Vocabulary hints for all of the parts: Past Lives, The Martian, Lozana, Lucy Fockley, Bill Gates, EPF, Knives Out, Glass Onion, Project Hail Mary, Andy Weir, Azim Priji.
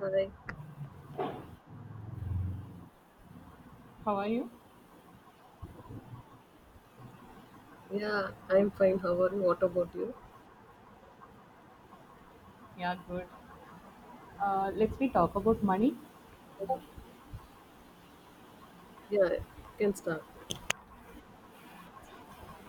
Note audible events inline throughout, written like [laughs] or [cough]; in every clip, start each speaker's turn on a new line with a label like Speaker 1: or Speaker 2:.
Speaker 1: Hi.
Speaker 2: How are you?
Speaker 1: Yeah, I'm fine. How are you? What about you?
Speaker 2: Yeah, good. Let's we talk about money.
Speaker 1: Yeah, you can start.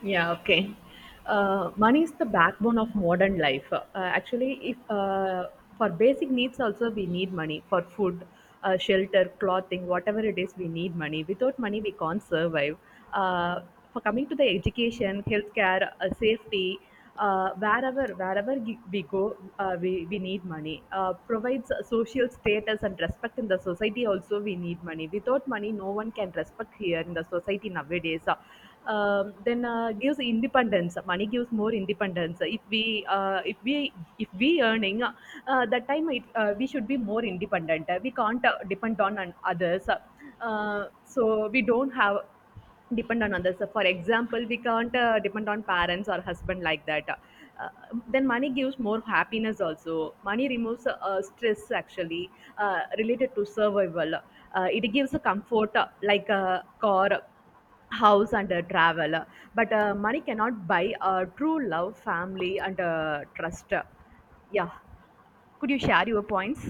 Speaker 2: Yeah, okay. Money is the backbone of modern life. Actually, if for basic needs also we need money for food, shelter, clothing, whatever it is, we need money. Without money, we can't survive. Uh, for coming to the education, healthcare, safety, wherever we go, we need money. Provides social status and respect in the society. Also, we need money. Without money, no one can respect here in the society nowadays. Then gives independence money gives more independence if we uh, if we earning that time it, we should be more independent we can't depend on others, so we don't have depend on others, so for example we can't depend on parents or husband like that. uh, then money gives more happiness, also money removes stress actually related to survival. It gives a comfort like a car, house and a travel, but money cannot buy a true love, family and trust. Yeah, could you share your points?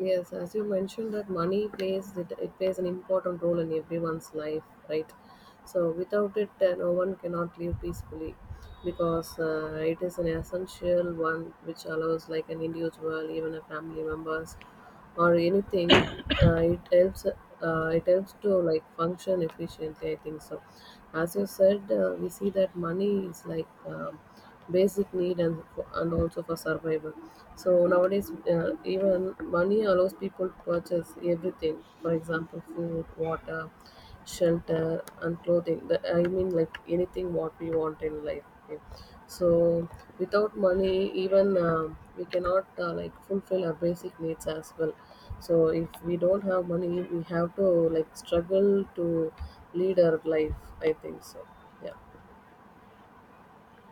Speaker 1: Yes, as you mentioned that money plays it, it plays an important role in everyone's life, right? So without it, no one cannot live peacefully because it is an essential one which allows like an individual, even a family members or anything. It helps. It helps to like function efficiently, I think so. As you said, we see that money is like basic need and also for survival. So nowadays, even money allows people to purchase everything. For example, food, water, shelter, and clothing. I mean, like anything what we want in life. Okay. So without money, even we cannot like fulfill our basic needs as well. So if we don't have money, we have to like struggle to lead our life, I think so. Yeah.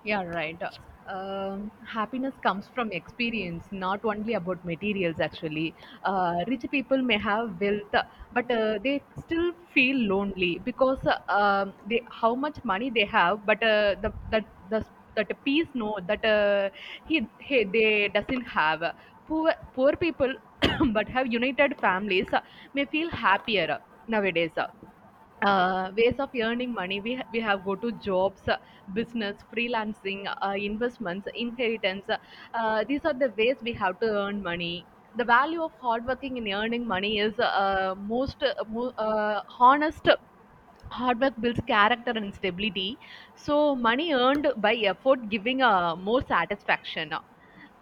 Speaker 2: Yeah, right. Happiness comes from experience, not only about materials, actually. Rich people may have wealth, but they still feel lonely because they, how much money they have, but that peace, no, that he they doesn't have. Poor people [coughs] but have united families may feel happier nowadays. Ways of earning money. We have go to jobs, business, freelancing, investments, inheritance. These are the ways we have to earn money. The value of hard working in earning money is most honest. Hard work builds character and stability. So money earned by effort giving more satisfaction.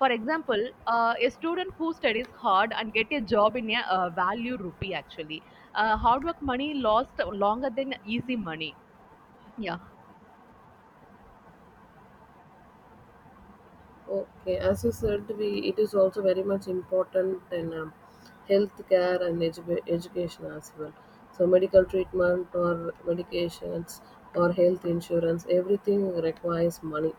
Speaker 2: For example, a student who studies hard and get a job in a value rupee actually. Hard work money lost longer than easy money. Yeah.
Speaker 1: Okay, as you said, we it is also very much important in healthcare and edu- education as well. So medical treatment or medications or health insurance, everything requires money.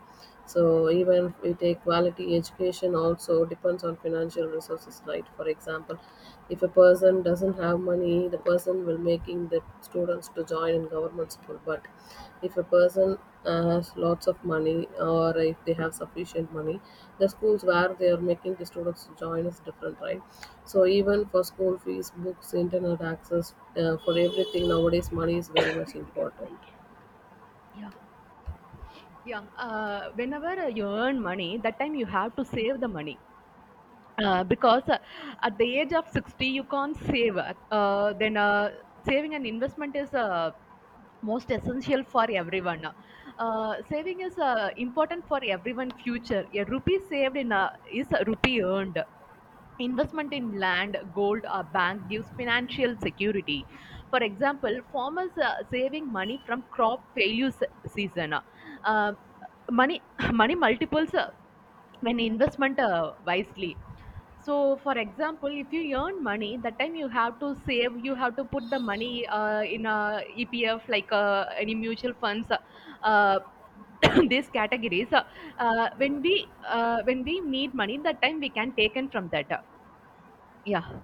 Speaker 1: So even if we take quality education, also depends on financial resources, right? For example, if a person doesn't have money, the person will making the students to join in government school, but if a person has lots of money or if they have sufficient money, the schools where they are making the students join is different, right? So even for school fees, books, internet access, for everything nowadays, money is very much
Speaker 2: Excuse me.
Speaker 1: important.
Speaker 2: Yeah. Yeah. Whenever you earn money, that time you have to save the money. Because at the age of 60 you can't save. Then Saving and investment is most essential for everyone. Saving is important for everyone future. A rupee saved in a, is a rupee earned. Investment in land, gold or bank gives financial security. For example, farmers saving money from crop failure season. Uh, Money [laughs] [clears throat] money multiples when investment wisely. So, for example, if you earn money, that time you have to save, you have to put the money in a EPF, like any mutual funds, uh, [coughs] [clears throat] these categories. When we need money, that time we can take in from that. Yeah,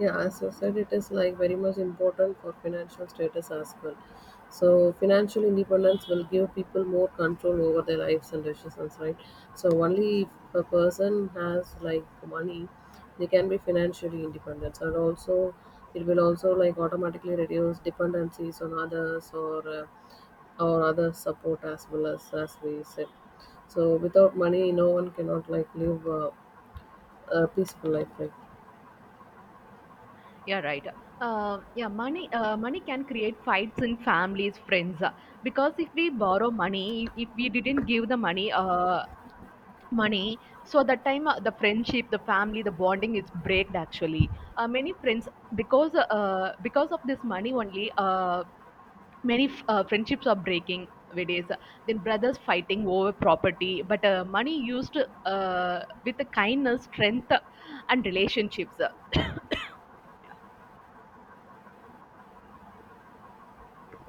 Speaker 1: Yeah, as I said, it is like very much important for financial status as well. So financial independence will give people more control over their lives and decisions, right? So only if a person has like money, they can be financially independent. And also, it will also like automatically reduce dependencies on others or other support as well as we said. So without money, no one cannot like live a peaceful life, right?
Speaker 2: yeah, right. Yeah, money can create fights in families, friends. Because if we borrow money, if we didn't give the money. Money, so that time the friendship, the family, the bonding is breaked actually. Many friends, because of this money only friendships are breaking nowadays. Then brothers fighting over property, but money used with the kindness, strength and relationships. [coughs] Yeah.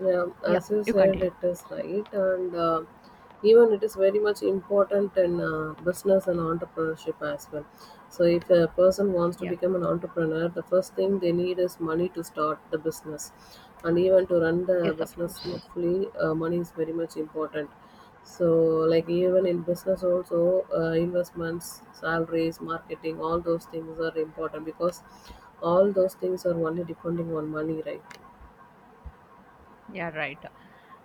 Speaker 1: Yeah,
Speaker 2: Yeah,
Speaker 1: as you
Speaker 2: you
Speaker 1: said,
Speaker 2: continue.
Speaker 1: it is right, and even it is very much important in business and entrepreneurship as well. So, if a person wants to
Speaker 2: Yeah,
Speaker 1: become an entrepreneur, the first thing they need is money to start the business, and even to run the
Speaker 2: yes of
Speaker 1: business
Speaker 2: course.
Speaker 1: smoothly, money is very much important. So, like even in business, also investments, salaries, marketing, all those things are important because all those things are only depending on money, right?
Speaker 2: Yeah, right.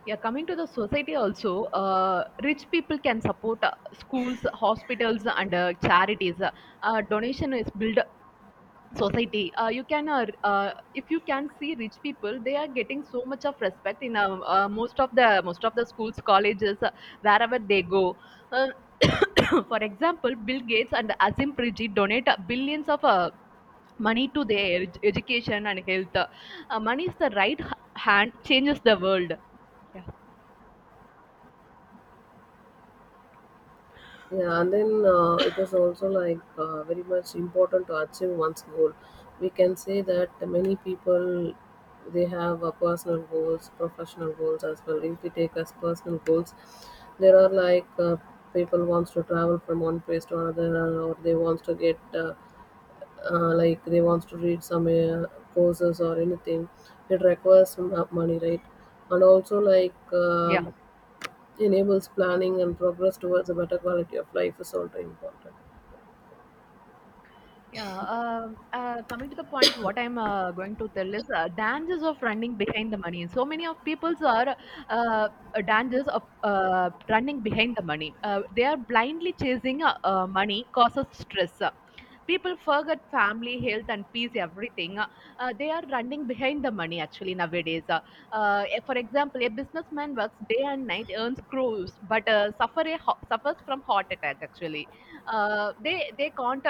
Speaker 2: Yeah, coming to the society also, rich people can support schools, hospitals, and charities. Donation is build society. You can, if you can see rich people they are getting so much of respect in most of the schools, colleges, wherever they go. uh, [coughs] for example, Bill Gates and Azim Priji donate billions of money to their education and health. Money is the right hand, changes the world. Yeah.
Speaker 1: Yeah, and then it is also like very much important to achieve one's goal. We can say that many people they have personal goals, professional goals as well. If we take as personal goals, there are like people wants to travel from one place to another, or they wants to get like they wants to read some courses or anything. It requires some money, right? And also like
Speaker 2: Yeah.
Speaker 1: enables planning and progress towards a better quality of life is also important.
Speaker 2: Yeah, coming to the point, what I'm going to tell is dangers of running behind the money. So many of people's are uh, uh, dangers of running behind the money. They are blindly chasing money, causes stress. People forget family, health, and peace, everything. They are running behind the money actually nowadays. For example, a businessman works day and night, earns crores, but suffers from heart attack actually. They can't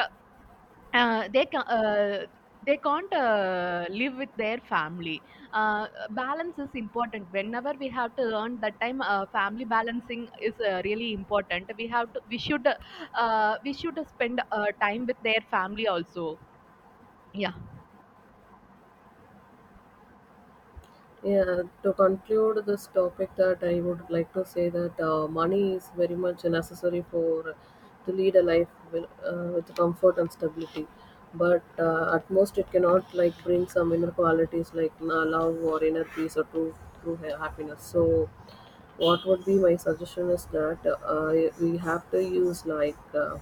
Speaker 2: they can they can't live with their family. Balance is important. Whenever we have to earn, that time family balancing is really important. We have to, we should spend time with their family also. Yeah.
Speaker 1: Yeah, to conclude this topic, that I would like to say that money is very much necessary for to lead a life with comfort and stability. But at most, it cannot like bring some inner qualities like love or inner peace or happiness. So, what would be my suggestion is that we have to use like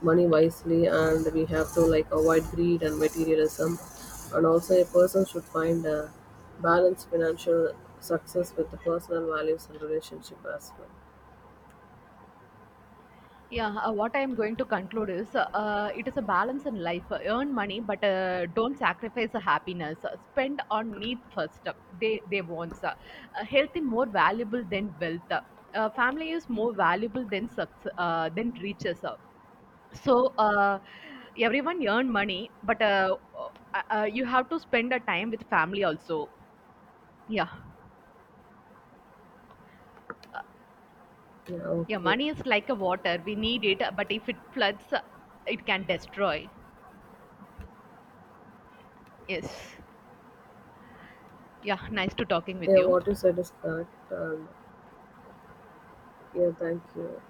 Speaker 1: money wisely and we have to like avoid greed and materialism, and also a person should find a balanced financial success with the personal values and relationship as well.
Speaker 2: Yeah, what I am going to conclude is it is a balance in life. Earn money, but don't sacrifice the happiness. Spend on needs first. They wants. Health is more valuable than wealth. Family is more valuable than success, than riches. So uh, everyone earn money, but you have to spend a time with family also. Yeah.
Speaker 1: Yeah,
Speaker 2: Yeah.
Speaker 1: okay.
Speaker 2: Money is like a water. We need it, but if it floods, it can destroy. Yes. Yeah, nice to talking with
Speaker 1: Yeah,
Speaker 2: you.
Speaker 1: what you said is correct, and yeah, thank you.